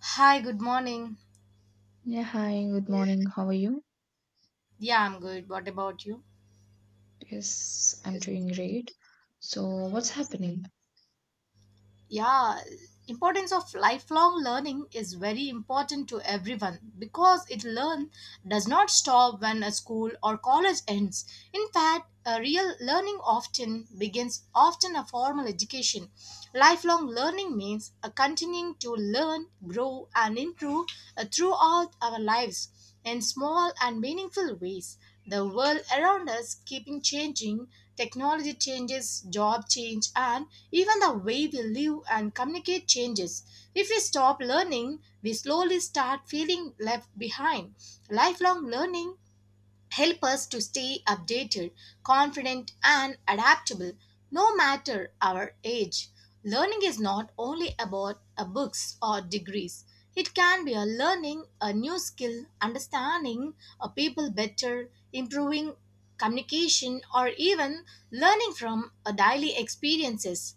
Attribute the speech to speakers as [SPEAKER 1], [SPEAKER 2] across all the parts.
[SPEAKER 1] Hi, good morning.
[SPEAKER 2] Yeah, hi, good morning. How are you?
[SPEAKER 1] Yeah, I'm good. What about you?
[SPEAKER 2] Yes, I'm doing great. So, what's happening?
[SPEAKER 1] Yeah, importance of lifelong learning is very important to everyone because it learn does not stop when a school or college ends. In fact, a real learning often begins often a formal education. Lifelong learning means a continuing to learn, grow and improve throughout our lives. In small and meaningful ways. The world around us keeping changing, technology changes, job change and even the way we live and communicate changes. If we stop learning, we slowly start feeling left behind. Lifelong learning help us to stay updated, confident, and adaptable no matter our age. Learning is not only about books or degrees. It can be a learning a new skill, understanding a people better, improving communication, or even learning from a daily experiences.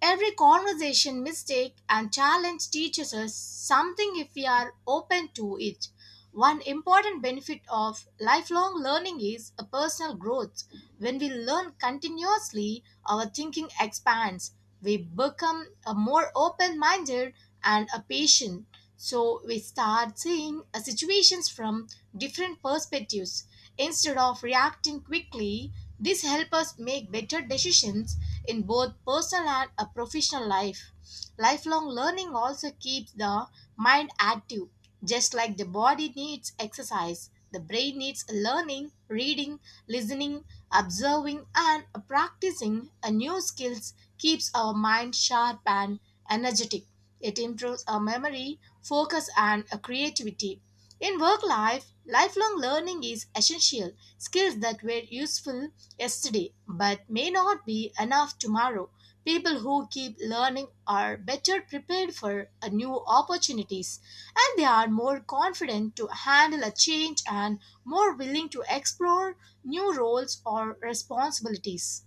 [SPEAKER 1] Every conversation, mistake, and challenge teaches us something if we are open to it. One important benefit of lifelong learning is a personal growth. When we learn continuously, our thinking expands. We become a more open minded and a patient. So we start seeing situations from different perspectives. Instead of reacting quickly, this helps us make better decisions in both personal and a professional life. Lifelong learning also keeps the mind active. Just like the body needs exercise, the brain needs learning, reading, listening, observing, and practicing a new skills keeps our mind sharp and energetic. It improves our memory, focus, and creativity. In work life, lifelong learning is essential. Skills that were useful yesterday but may not be enough tomorrow. People who keep learning are better prepared for new opportunities and they are more confident to handle a change and more willing to explore new roles or responsibilities.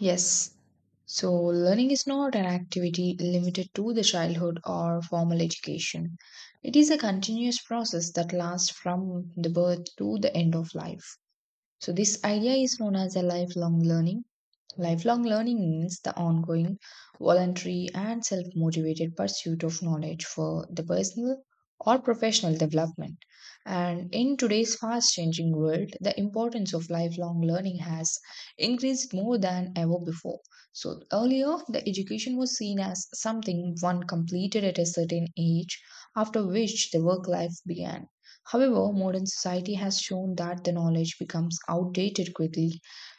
[SPEAKER 2] Yes, so learning is not an activity limited to the childhood or formal education. It is a continuous process that lasts from the birth to the end of life. So, this idea is known as a lifelong learning. Lifelong learning means the ongoing, voluntary, and self motivated pursuit of knowledge for the personal or professional development. And in today's fast changing world, the importance of lifelong learning has increased more than ever before. So, earlier, the education was seen as something one completed at a certain age, after which the work life began. However, modern society has shown that the knowledge becomes outdated quickly,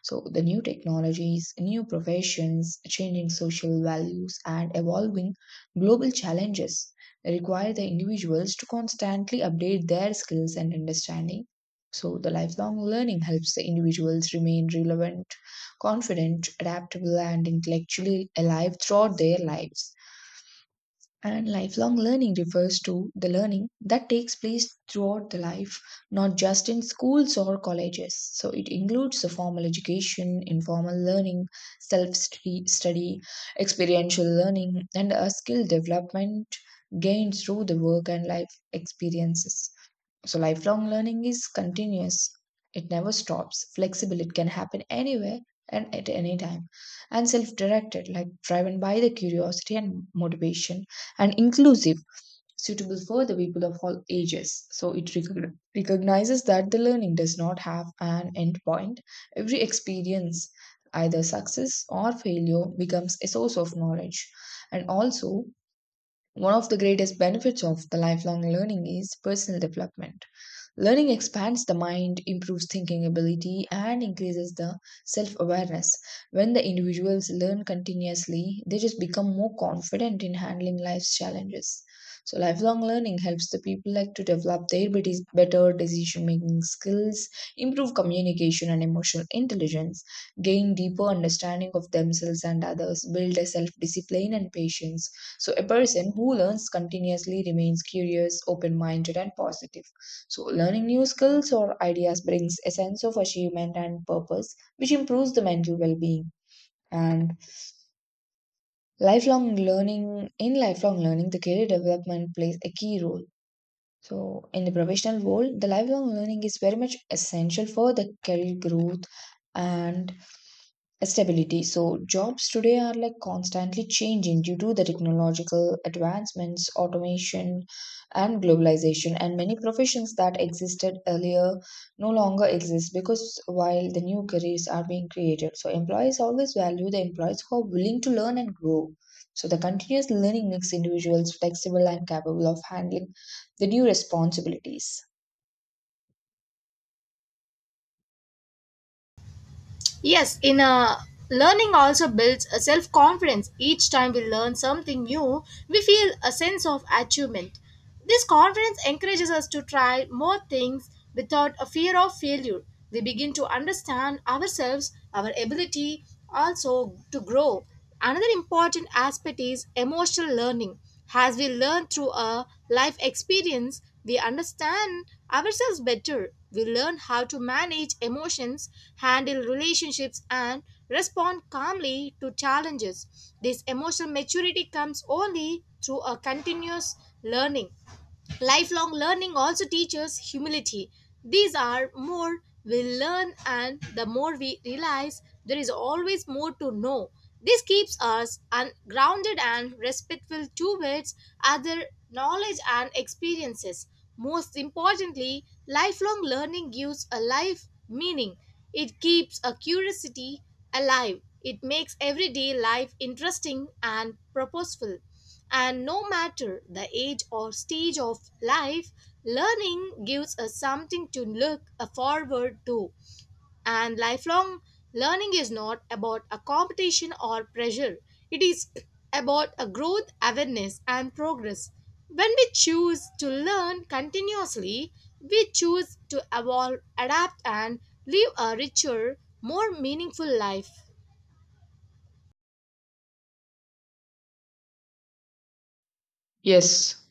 [SPEAKER 2] so the new technologies, new professions, changing social values, and evolving global challenges require the individuals to constantly update their skills and understanding. So, the lifelong learning helps the individuals remain relevant, confident, adaptable, and intellectually alive throughout their lives. And lifelong learning refers to the learning that takes place throughout the life, not just in schools or colleges. So it includes the formal education, informal learning, self study, experiential learning, and a skill development gained through the work and life experiences. So lifelong learning is continuous. It never stops, flexible, it can happen anywhere and at any time. And self directed, like driven by the curiosity and motivation, and inclusive, suitable for the people of all ages. So it recognizes that the learning does not have an end point. Every experience, either success or failure, becomes a source of knowledge. And also, one of the greatest benefits of the lifelong learning is personal development. Learning expands the mind, improves thinking ability, and increases the self awareness. When the individuals learn continuously, they just become more confident in handling life's challenges. So, lifelong learning helps the people like to develop their better decision making skills, improve communication and emotional intelligence, gain deeper understanding of themselves and others, build a self discipline and patience. So, a person who learns continuously remains curious, open minded, and positive. So, learning new skills or ideas brings a sense of achievement and purpose, which improves the mental well being. And in lifelong learning, the career development plays a key role. So, in the professional world, the lifelong learning is very much essential for the career growth and stability. So jobs today are like constantly changing due to the technological advancements, automation, and globalization. And many professions that existed earlier no longer exist because while the new careers are being created, so employees always value the employees who are willing to learn and grow. So the continuous learning makes individuals flexible and capable of handling the new responsibilities.
[SPEAKER 1] Yes, in a learning also builds a self confidence. Each time we learn something new, we feel a sense of achievement. This confidence encourages us to try more things without a fear of failure. We begin to understand ourselves, our ability also to grow. Another important aspect is emotional learning. As we learn through our life experience, we understand ourselves better. We learn how to manage emotions, handle relationships, and respond calmly to challenges. This emotional maturity comes only through a continuous learning. Lifelong learning also teaches humility. These are more we learn and the more we realize there is always more to know. This keeps us grounded and respectful towards other knowledge and experiences. Most importantly, lifelong learning gives a life meaning. It keeps a curiosity alive. It makes everyday life interesting and purposeful. And no matter the age or stage of life, learning gives us something to look forward to. And lifelong learning is not about a competition or pressure, it is about a growth, awareness, and progress. When we choose to learn continuously, we choose to evolve, adapt, and live a richer, more meaningful life.
[SPEAKER 2] Yes,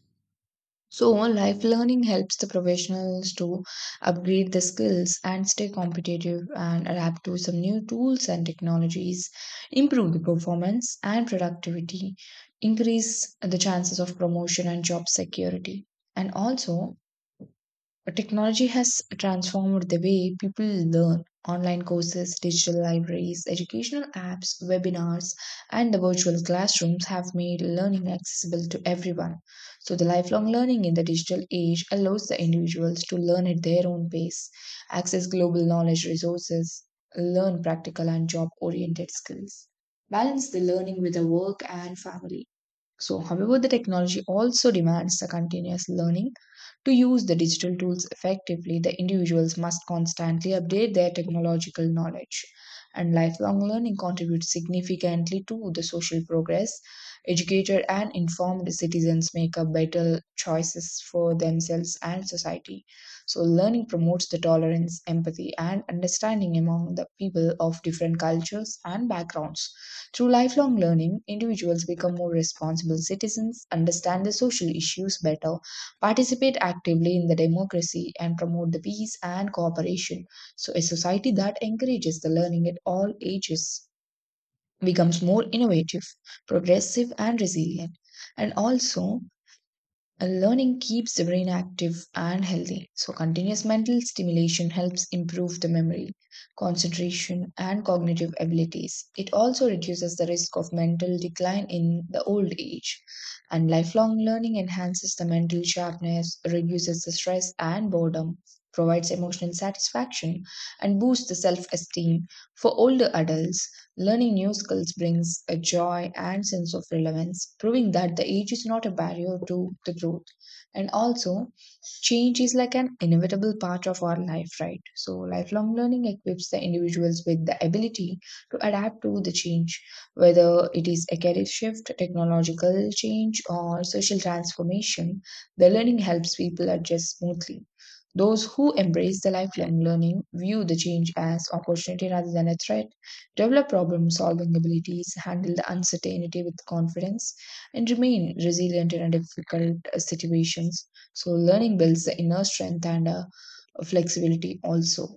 [SPEAKER 2] so life learning helps the professionals to upgrade the skills and stay competitive and adapt to some new tools and technologies, improve the performance and productivity, increase the chances of promotion and job security. And also, technology has transformed the way people learn. Online courses, digital libraries, educational apps, webinars, and the virtual classrooms have made learning accessible to everyone. So, the lifelong learning in the digital age allows the individuals to learn at their own pace, access global knowledge resources, learn practical and job oriented skills, balance the learning with the work and family. So, however, the technology also demands the continuous learning to use the digital tools effectively, the individuals must constantly update their technological knowledge. And lifelong learning contributes significantly to the social progress. Educated and informed citizens make a better choices for themselves and society. So, learning promotes the tolerance, empathy, and understanding among the people of different cultures and backgrounds. Through lifelong learning, individuals become more responsible citizens, understand the social issues better, participate actively in the democracy and promote the peace and cooperation. So, a society that encourages the learning at all ages becomes more innovative, progressive, and resilient. And also, learning keeps the brain active and healthy. So, continuous mental stimulation helps improve the memory, concentration, and cognitive abilities. It also reduces the risk of mental decline in the old age. And lifelong learning enhances the mental sharpness, reduces the stress and boredom, provides emotional satisfaction, and boosts the self esteem for older adults. Learning new skills brings a joy and sense of relevance, proving that the age is not a barrier to the growth. And also, change is like an inevitable part of our life, right? So, lifelong learning equips the individuals with the ability to adapt to the change, whether it is a career shift, technological change, or social transformation. The learning helps people adjust smoothly. Those who embrace the lifelong learning view the change as opportunity rather than a threat develop problem solving abilities, handle the uncertainty with confidence, and remain resilient in a difficult situations. So, learning builds the inner strength and flexibility also.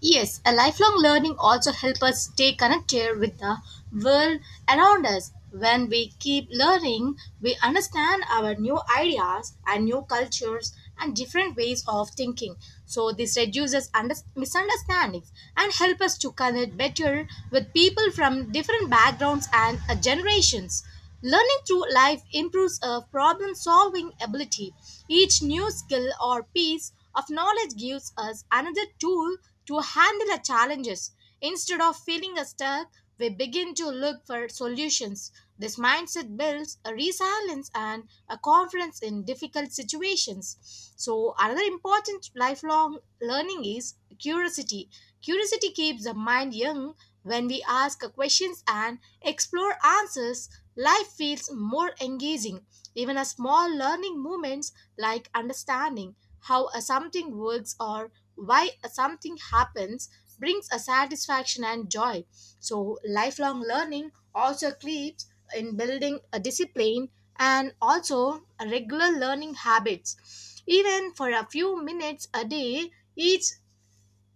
[SPEAKER 1] Yes, a lifelong learning also helps us stay connected with the world around us. When we keep learning, we understand our new ideas and new cultures and different ways of thinking. So this reduces misunderstandings and help us to connect better with people from different backgrounds and generations. Learning through life improves a problem solving ability. Each new skill or piece of knowledge gives us another tool to handle our challenges. Instead of feeling stuck, we begin to look for solutions. This mindset builds a resilience and a confidence in difficult situations. So, another important lifelong learning is curiosity. Curiosity keeps the mind young when we ask questions and explore answers. Life feels more engaging. Even a small learning moments like understanding how a something works or why a something happens brings a satisfaction and joy. So lifelong learning also keeps in building a discipline and also a regular learning habits. Even for a few minutes a day, each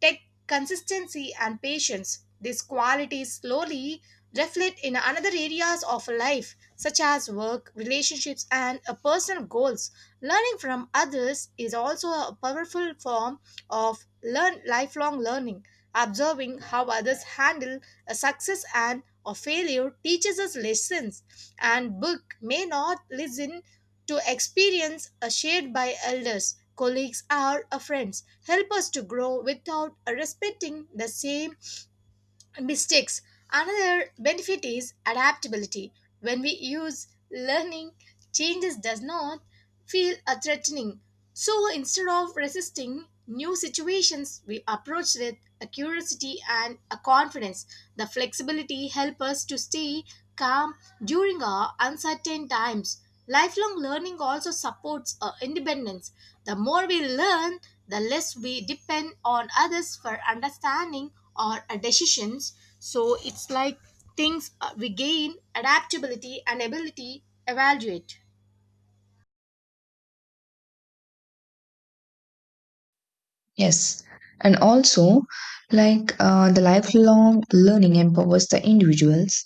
[SPEAKER 1] Take consistency and patience. These qualities slowly reflect in another areas of life, such as work, relationships, and personal goals. Learning from others is also a powerful form of learn lifelong learning. Observing how others handle a success and a failure teaches us lessons, and book may not listen to experience are shared by elders, colleagues, or friends help us to grow without respecting the same mistakes. Another benefit is adaptability. When we use learning, changes does not feel threatening. So instead of resisting new situations, we approach with a curiosity and a confidence. The flexibility help us to stay calm during our uncertain times. Lifelong learning also supports our independence. The more we learn, the less we depend on others for understanding or decisions. So it's like things we gain adaptability and ability evaluate.
[SPEAKER 2] Yes. And also, like the lifelong learning empowers the individuals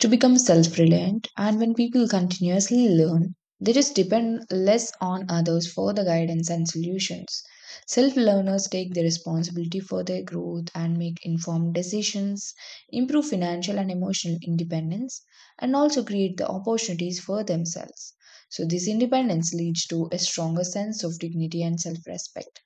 [SPEAKER 2] to become self reliant. And when people continuously learn, they just depend less on others for the guidance and solutions. Self learners take the responsibility for their growth and make informed decisions, improve financial and emotional independence, and also create the opportunities for themselves. So, this independence leads to a stronger sense of dignity and self respect.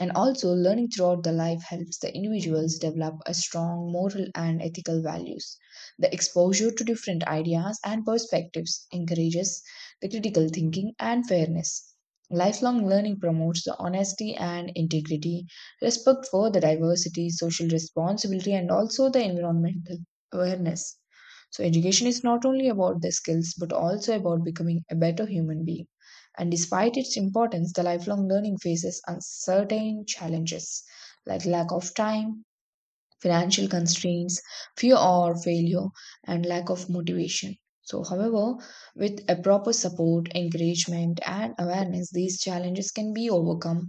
[SPEAKER 2] And also, learning throughout the life helps the individuals develop a strong moral and ethical values. The exposure to different ideas and perspectives encourages the critical thinking and fairness. Lifelong learning promotes the honesty and integrity, respect for the diversity, social responsibility, and also the environmental awareness. So, education is not only about the skills but also about becoming a better human being. And despite its importance, the lifelong learning faces uncertain challenges like lack of time, financial constraints, fear or failure, and lack of motivation. So, however, with a proper support, encouragement, and awareness, these challenges can be overcome.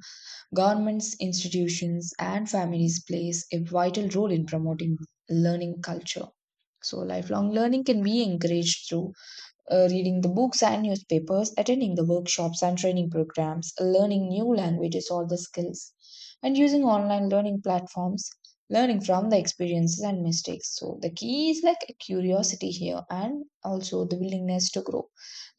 [SPEAKER 2] Governments, institutions, and families plays a vital role in promoting learning culture. So, lifelong learning can be encouraged through reading the books and newspapers, attending the workshops and training programs, learning new languages or the skills, and using online learning platforms, learning from the experiences and mistakes. So, the key is like a curiosity here and also the willingness to grow.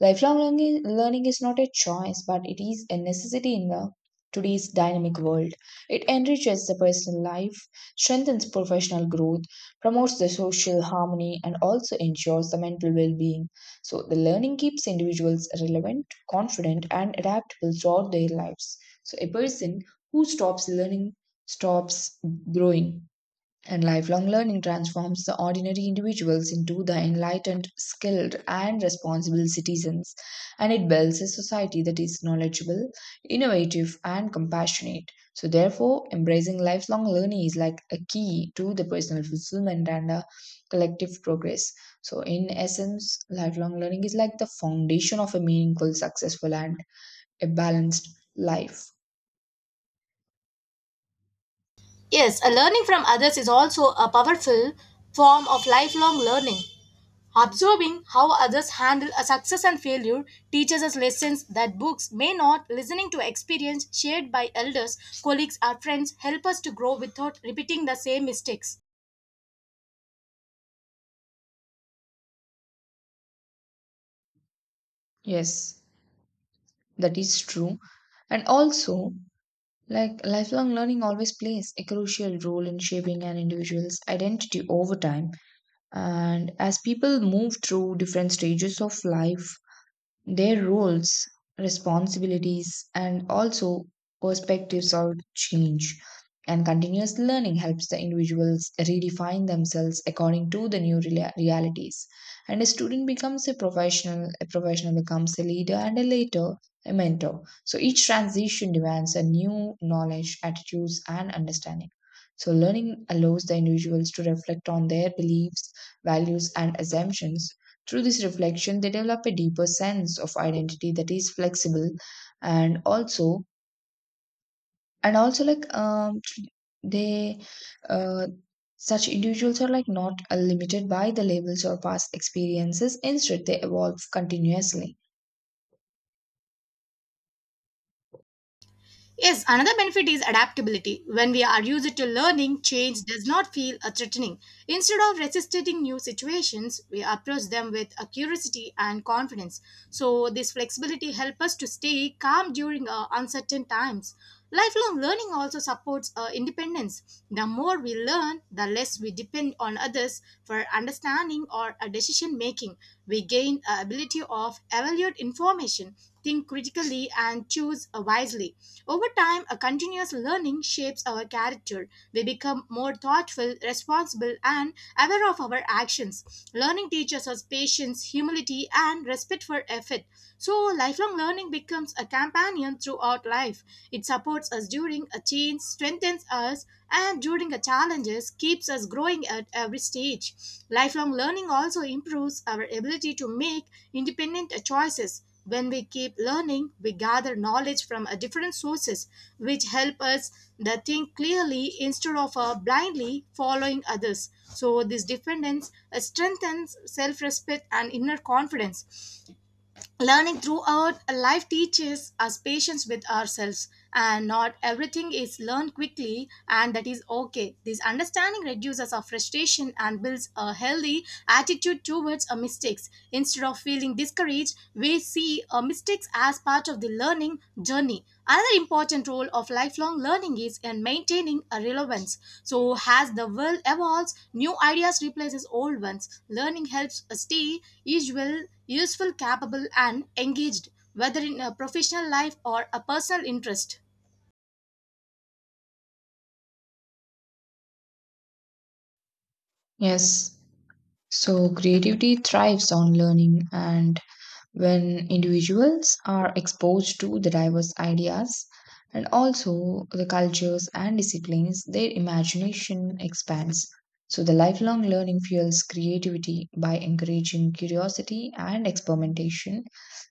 [SPEAKER 2] Lifelong learning is not a choice, but it is a necessity in the today's dynamic world. It enriches the personal life, strengthens professional growth, promotes the social harmony, and also ensures the mental well being. So, the learning keeps individuals relevant, confident, and adaptable throughout their lives. So, a person who stops learning stops growing, and lifelong learning transforms the ordinary individuals into the enlightened, skilled, and responsible citizens. And it builds a society that is knowledgeable, innovative, and compassionate. So, therefore, embracing lifelong learning is like a key to the personal fulfillment and a collective progress. So, in essence, lifelong learning is like the foundation of a meaningful, successful, and a balanced life.
[SPEAKER 1] Yes, a learning from others is also a powerful form of lifelong learning. Observing how others handle a success and failure teaches us lessons that books may not. Listening to experience shared by elders, colleagues, or friends help us to grow without repeating the same mistakes.
[SPEAKER 2] Yes, that is true. And also, like lifelong learning always plays a crucial role in shaping an individual's identity over time. And as people move through different stages of life, their roles, responsibilities, and also perspectives all change. And continuous learning helps the individuals redefine themselves according to the new realities. And a student becomes a professional becomes a leader, and a later a mentor. So each transition demands a new knowledge, attitudes, and understanding. So learning allows the individuals to reflect on their beliefs, values, and assumptions through this reflection, they develop a deeper sense of identity that is flexible and also and also like they uh such individuals are like not limited by the labels or past experiences. Instead, they evolve continuously.
[SPEAKER 1] Yes, another benefit is adaptability. When we are used to learning, change does not feel a threatening. Instead of resisting new situations, we approach them with a curiosity and confidence. So this flexibility helps us to stay calm during uncertain times. Lifelong learning also supports independence. The more we learn, the less we depend on others for understanding or decision making. We gain a ability of evaluate information, think critically, and choose wisely. Over time, a continuous learning shapes our character. We become more thoughtful, responsible, and aware of our actions. Learning teaches us patience, humility, and respect for effort. So, lifelong learning becomes a companion throughout life. It supports us during a change, strengthens us, and during a challenges, keeps us growing at every stage. Lifelong learning also improves our ability to make independent choices. When we keep learning, we gather knowledge from different sources, which help us the think clearly instead of blindly following others. So this dependence strengthens self-respect and inner confidence. Learning throughout life teaches us patience with ourselves, and not everything is learned quickly, and that is okay. This understanding reduces our frustration and builds a healthy attitude towards our mistakes. Instead of feeling discouraged, we see our mistakes as part of the learning journey. Another important role of lifelong learning is in maintaining a relevance. So, as the world evolves, new ideas replaces old ones. Learning helps us stay usual useful, capable, and engaged, whether in a professional life or a personal interest.
[SPEAKER 2] Yes. So, creativity thrives on learning, and when individuals are exposed to the diverse ideas and also the cultures and disciplines, their imagination expands. So, the lifelong learning fuels creativity by encouraging curiosity and experimentation.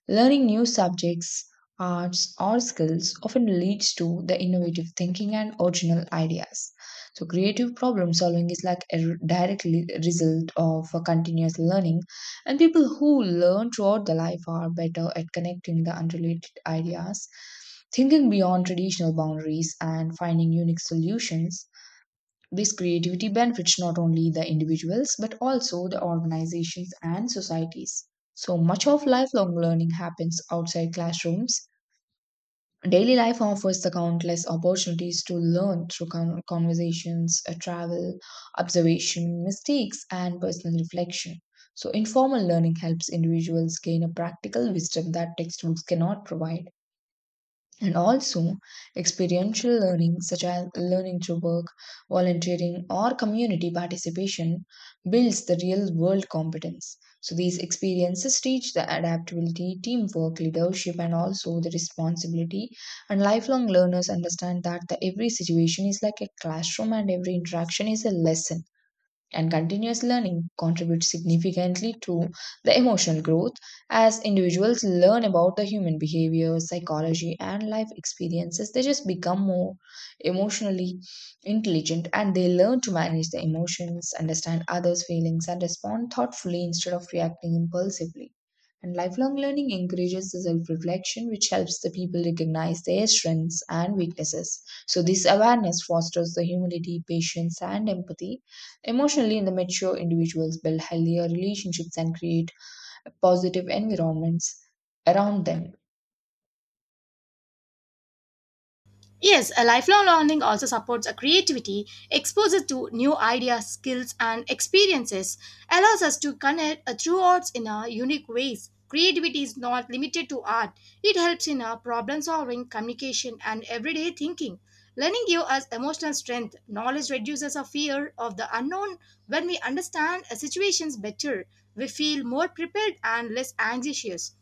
[SPEAKER 2] Learning new subjects, arts, or skills often leads to the innovative thinking and original ideas. So, creative problem solving is like a direct result of a continuous learning, and people who learn throughout the life are better at connecting the unrelated ideas, thinking beyond traditional boundaries, and finding unique solutions. This creativity benefits not only the individuals but also the organizations and societies. So much of lifelong learning happens outside classrooms. Daily life offers the countless opportunities to learn through conversations, travel, observation, mistakes, and personal reflection. So, informal learning helps individuals gain a practical wisdom that textbooks cannot provide, and also experiential learning such as learning through work, volunteering, or community participation builds the real world competence. So these experiences teach the adaptability, teamwork, leadership, and also the responsibility, and lifelong learners understand that the every situation is like a classroom and every interaction is a lesson. And continuous learning contributes significantly to the emotional growth. As individuals learn about the human behavior, psychology, and life experiences, they just become more emotionally intelligent, and they learn to manage their emotions, understand others feelings, and respond thoughtfully instead of reacting impulsively. And lifelong learning encourages the self-reflection, which helps the people recognize their strengths and weaknesses. So this awareness fosters the humility, patience, and empathy. Emotionally in the mature individuals build healthier relationships and create positive environments around them.
[SPEAKER 1] Yes, a lifelong learning also supports a creativity, exposes to new ideas, skills, and experiences, allows us to connect through arts in a unique ways. Creativity is not limited to art. It helps in our problem solving, communication, and everyday thinking. Learning gives us emotional strength. Knowledge reduces our fear of the unknown. When we understand situations better, we feel more prepared and less anxious.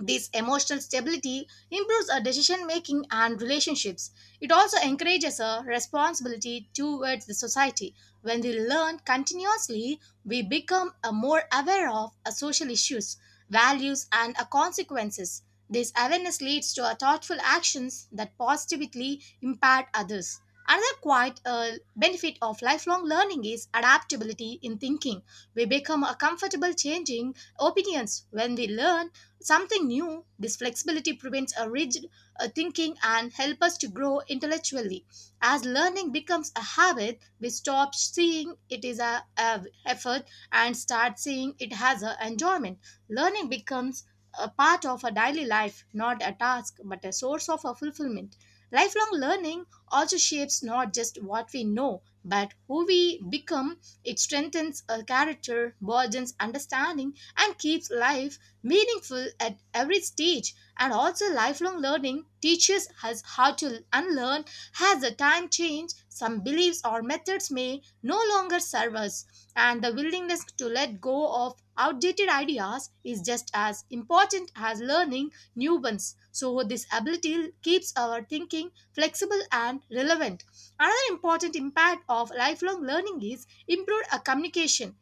[SPEAKER 1] This emotional stability improves our decision making and relationships. It also encourages a responsibility towards the society. When we learn continuously, we become a more aware of our social issues, values, and our consequences. This awareness leads to our thoughtful actions that positively impact others. Another quite benefit of lifelong learning is adaptability in thinking. We become a comfortable changing opinions when we learn something new. This flexibility prevents a rigid thinking and help us to grow intellectually as learning becomes a habit. We stop seeing it is a effort and start seeing it has a enjoyment. Learning becomes a part of a daily life, not a task but a source of a fulfillment. Lifelong learning also shapes not just what we know but who we become. It strengthens a character, broadens understanding and keeps life meaningful at every stage. And also lifelong learning teaches us how to unlearn as the time change. Some beliefs or methods may no longer serve us, and the willingness to let go of outdated ideas is just as important as learning new ones. So this ability keeps our thinking flexible and relevant. Another important impact of lifelong learning is improved communication.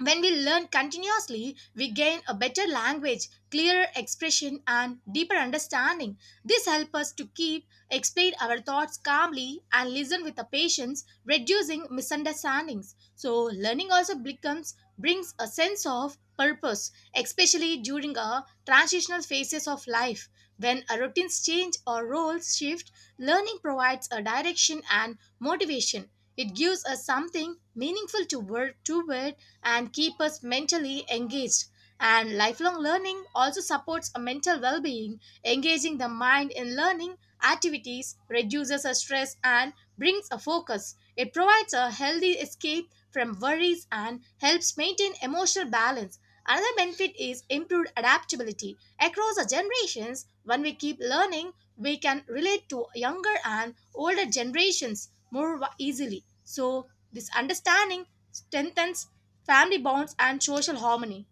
[SPEAKER 1] When we learn continuously, we gain a better language, clearer expression, and deeper understanding. This helps us to keep, explain our thoughts calmly, and listen with the patience, reducing misunderstandings. So, learning also becomes brings a sense of purpose, especially during a transitional phases of life. When our routines change or roles shift, learning provides a direction and motivation. It gives us something meaningful to work toward and keep us mentally engaged. And lifelong learning also supports a mental well being, engaging the mind in learning activities, reduces a stress, and brings a focus. It provides a healthy escape from worries and helps maintain emotional balance. Another benefit is improved adaptability. Across the generations, when we keep learning, we can relate to younger and older generations more easily. So, this understanding strengthens family bonds and social harmony.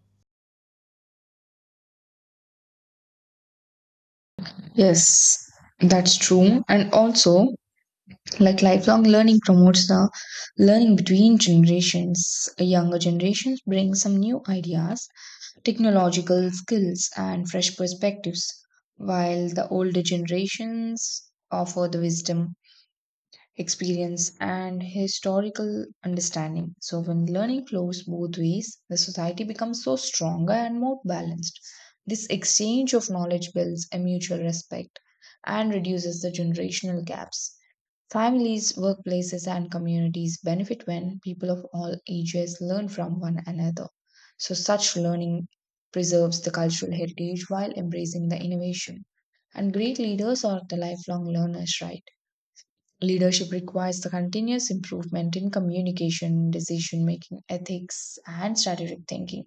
[SPEAKER 2] Yes, that's true. And also, lifelong learning promotes the learning between generations. Younger generations bring some new ideas, technological skills, and fresh perspectives, while the older generations offer the wisdom, experience, and historical understanding. So, when learning flows both ways, the society becomes so stronger and more balanced. This exchange of knowledge builds a mutual respect and reduces the generational gaps. Families, workplaces, and communities benefit when people of all ages learn from one another. So, such learning preserves the cultural heritage while embracing the innovation. And great leaders are the lifelong learners, right? Leadership requires the continuous improvement in communication, decision making, ethics, and strategic thinking.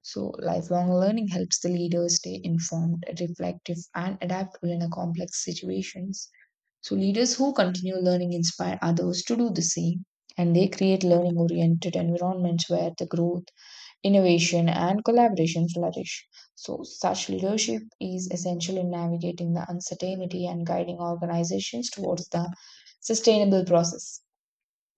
[SPEAKER 2] So, lifelong learning helps the leaders stay informed, reflective, and adaptable in a complex situations. So, leaders who continue learning inspire others to do the same, and they create learning oriented environments where the growth, innovation, and collaboration flourish. So, such leadership is essential in navigating the uncertainty and guiding organizations towards the sustainable process.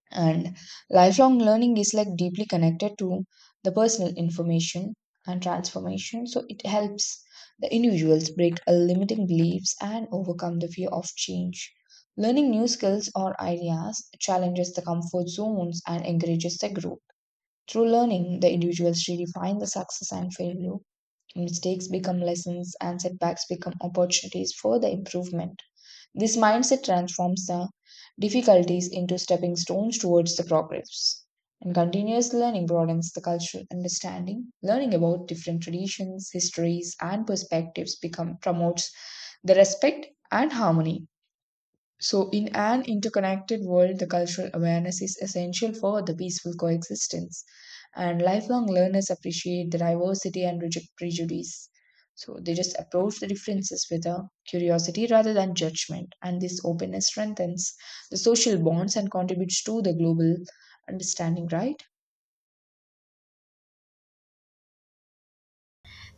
[SPEAKER 2] And lifelong learning is like deeply connected to the personal information and transformation. So, it helps the individuals break a limiting beliefs and overcome the fear of change. Learning new skills or ideas challenges the comfort zones and encourages the growth. Through learning, the individuals redefine the success and failure. Mistakes become lessons, and setbacks become opportunities for the improvement. This mindset transforms the difficulties into stepping stones towards the progress. And continuous learning broadens the cultural understanding. Learning about different traditions, histories, and perspectives become promotes the respect and harmony. So, in an interconnected world, the cultural awareness is essential for the peaceful coexistence, and lifelong learners appreciate the diversity and reject prejudice. So, they just approach the differences with a curiosity rather than judgment, and this openness strengthens the social bonds and contributes to the global understanding, right?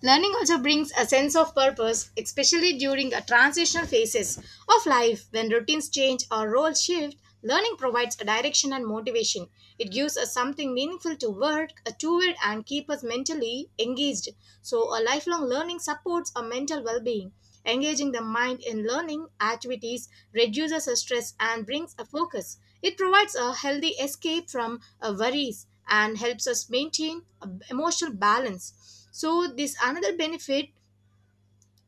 [SPEAKER 1] Learning also brings a sense of purpose, especially during a transitional phases of life when routines change or roles shift. Learning provides a direction and motivation. It gives us something meaningful to work toward and keep us mentally engaged. So, a lifelong learning supports our mental well-being. Engaging the mind in learning activities reduces our stress and brings a focus. It provides a healthy escape from worries and helps us maintain emotional balance. So this another benefit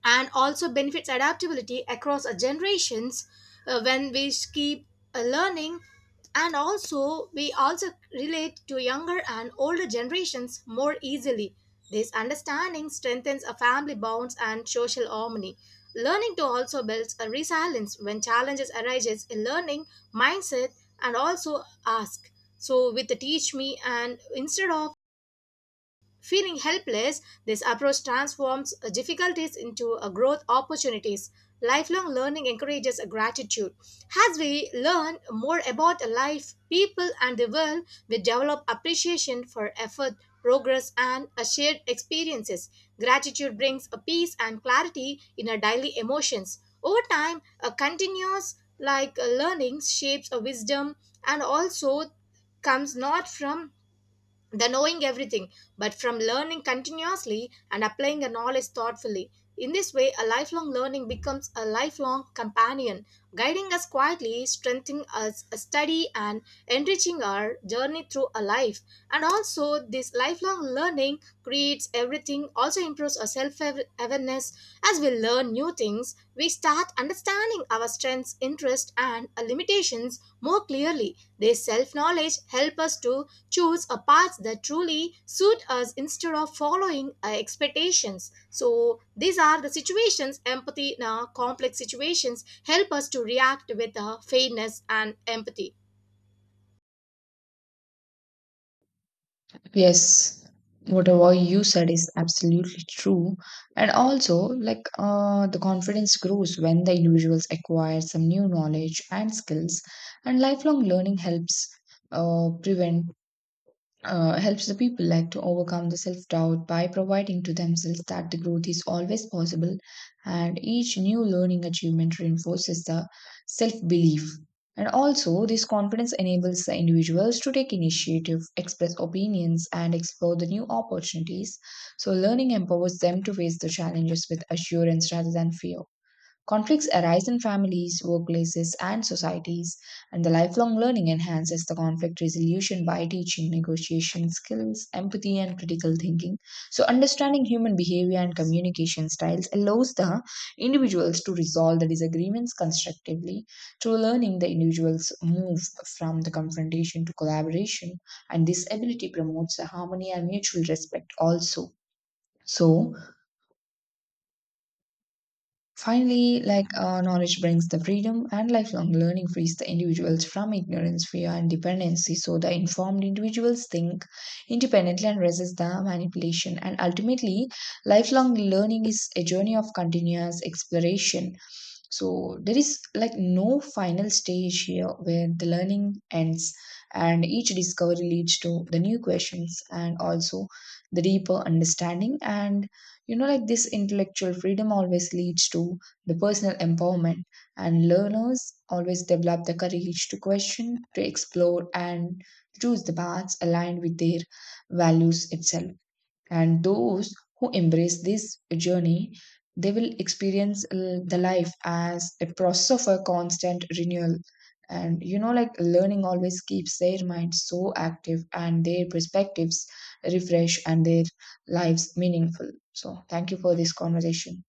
[SPEAKER 1] and also benefits adaptability across our generations when we keep learning and also we also relate to younger and older generations more easily. This understanding strengthens a family bonds and social harmony. Learning to also builds a resilience when challenges arises in learning mindset and also ask. So with the teach me and instead of Feeling helpless, this approach transforms difficulties into a growth opportunities. Lifelong learning encourages a gratitude. As we learn more about life, people, and the world, we develop appreciation for effort, progress, and a shared experiences. Gratitude brings a peace and clarity in our daily emotions. Over time, a continuous learning shapes a wisdom and also comes not from the knowing everything, but from learning continuously and applying the knowledge thoughtfully. In this way, a lifelong learning becomes a lifelong companion, guiding us quietly, strengthening us a study, and enriching our journey through a life. And also, this lifelong learning creates everything, also improves our self awareness as we learn new things. We start understanding our strengths, interests, and limitations more clearly. This self knowledge helps us to choose a path that truly suit us instead of following our expectations. So, these are the situations empathy in our complex situations help us to react with fairness and empathy.
[SPEAKER 2] Yes, whatever you said is absolutely true. And also, the confidence grows when the individuals acquire some new knowledge and skills, and lifelong learning helps prevent helps the people to overcome the self-doubt by providing to themselves that the growth is always possible, and each new learning achievement reinforces the self-belief. And also, this confidence enables the individuals to take initiative, express opinions, and explore the new opportunities. So learning empowers them to face the challenges with assurance rather than fear. Conflicts arise in families, workplaces, and societies, and the lifelong learning enhances the conflict resolution by teaching negotiation skills, empathy, and critical thinking. So, understanding human behavior and communication styles allows the individuals to resolve the disagreements constructively. Through learning, the individuals move from the confrontation to collaboration, and this ability promotes the harmony and mutual respect also. So, finally, knowledge brings the freedom, and lifelong learning frees the individuals from ignorance, fear, and dependency. So, the informed individuals think independently and resist the manipulation. And ultimately, lifelong learning is a journey of continuous exploration. So, there is like no final stage here where the learning ends, and each discovery leads to the new questions and also the deeper understanding. And you know, this intellectual freedom always leads to the personal empowerment, and learners always develop the courage to question, to explore, and choose the paths aligned with their values itself. And those who embrace this journey, they will experience the life as a process of a constant renewal. And you know, learning always keeps their mind so active and their perspectives refresh and their lives meaningful. So thank you for this conversation.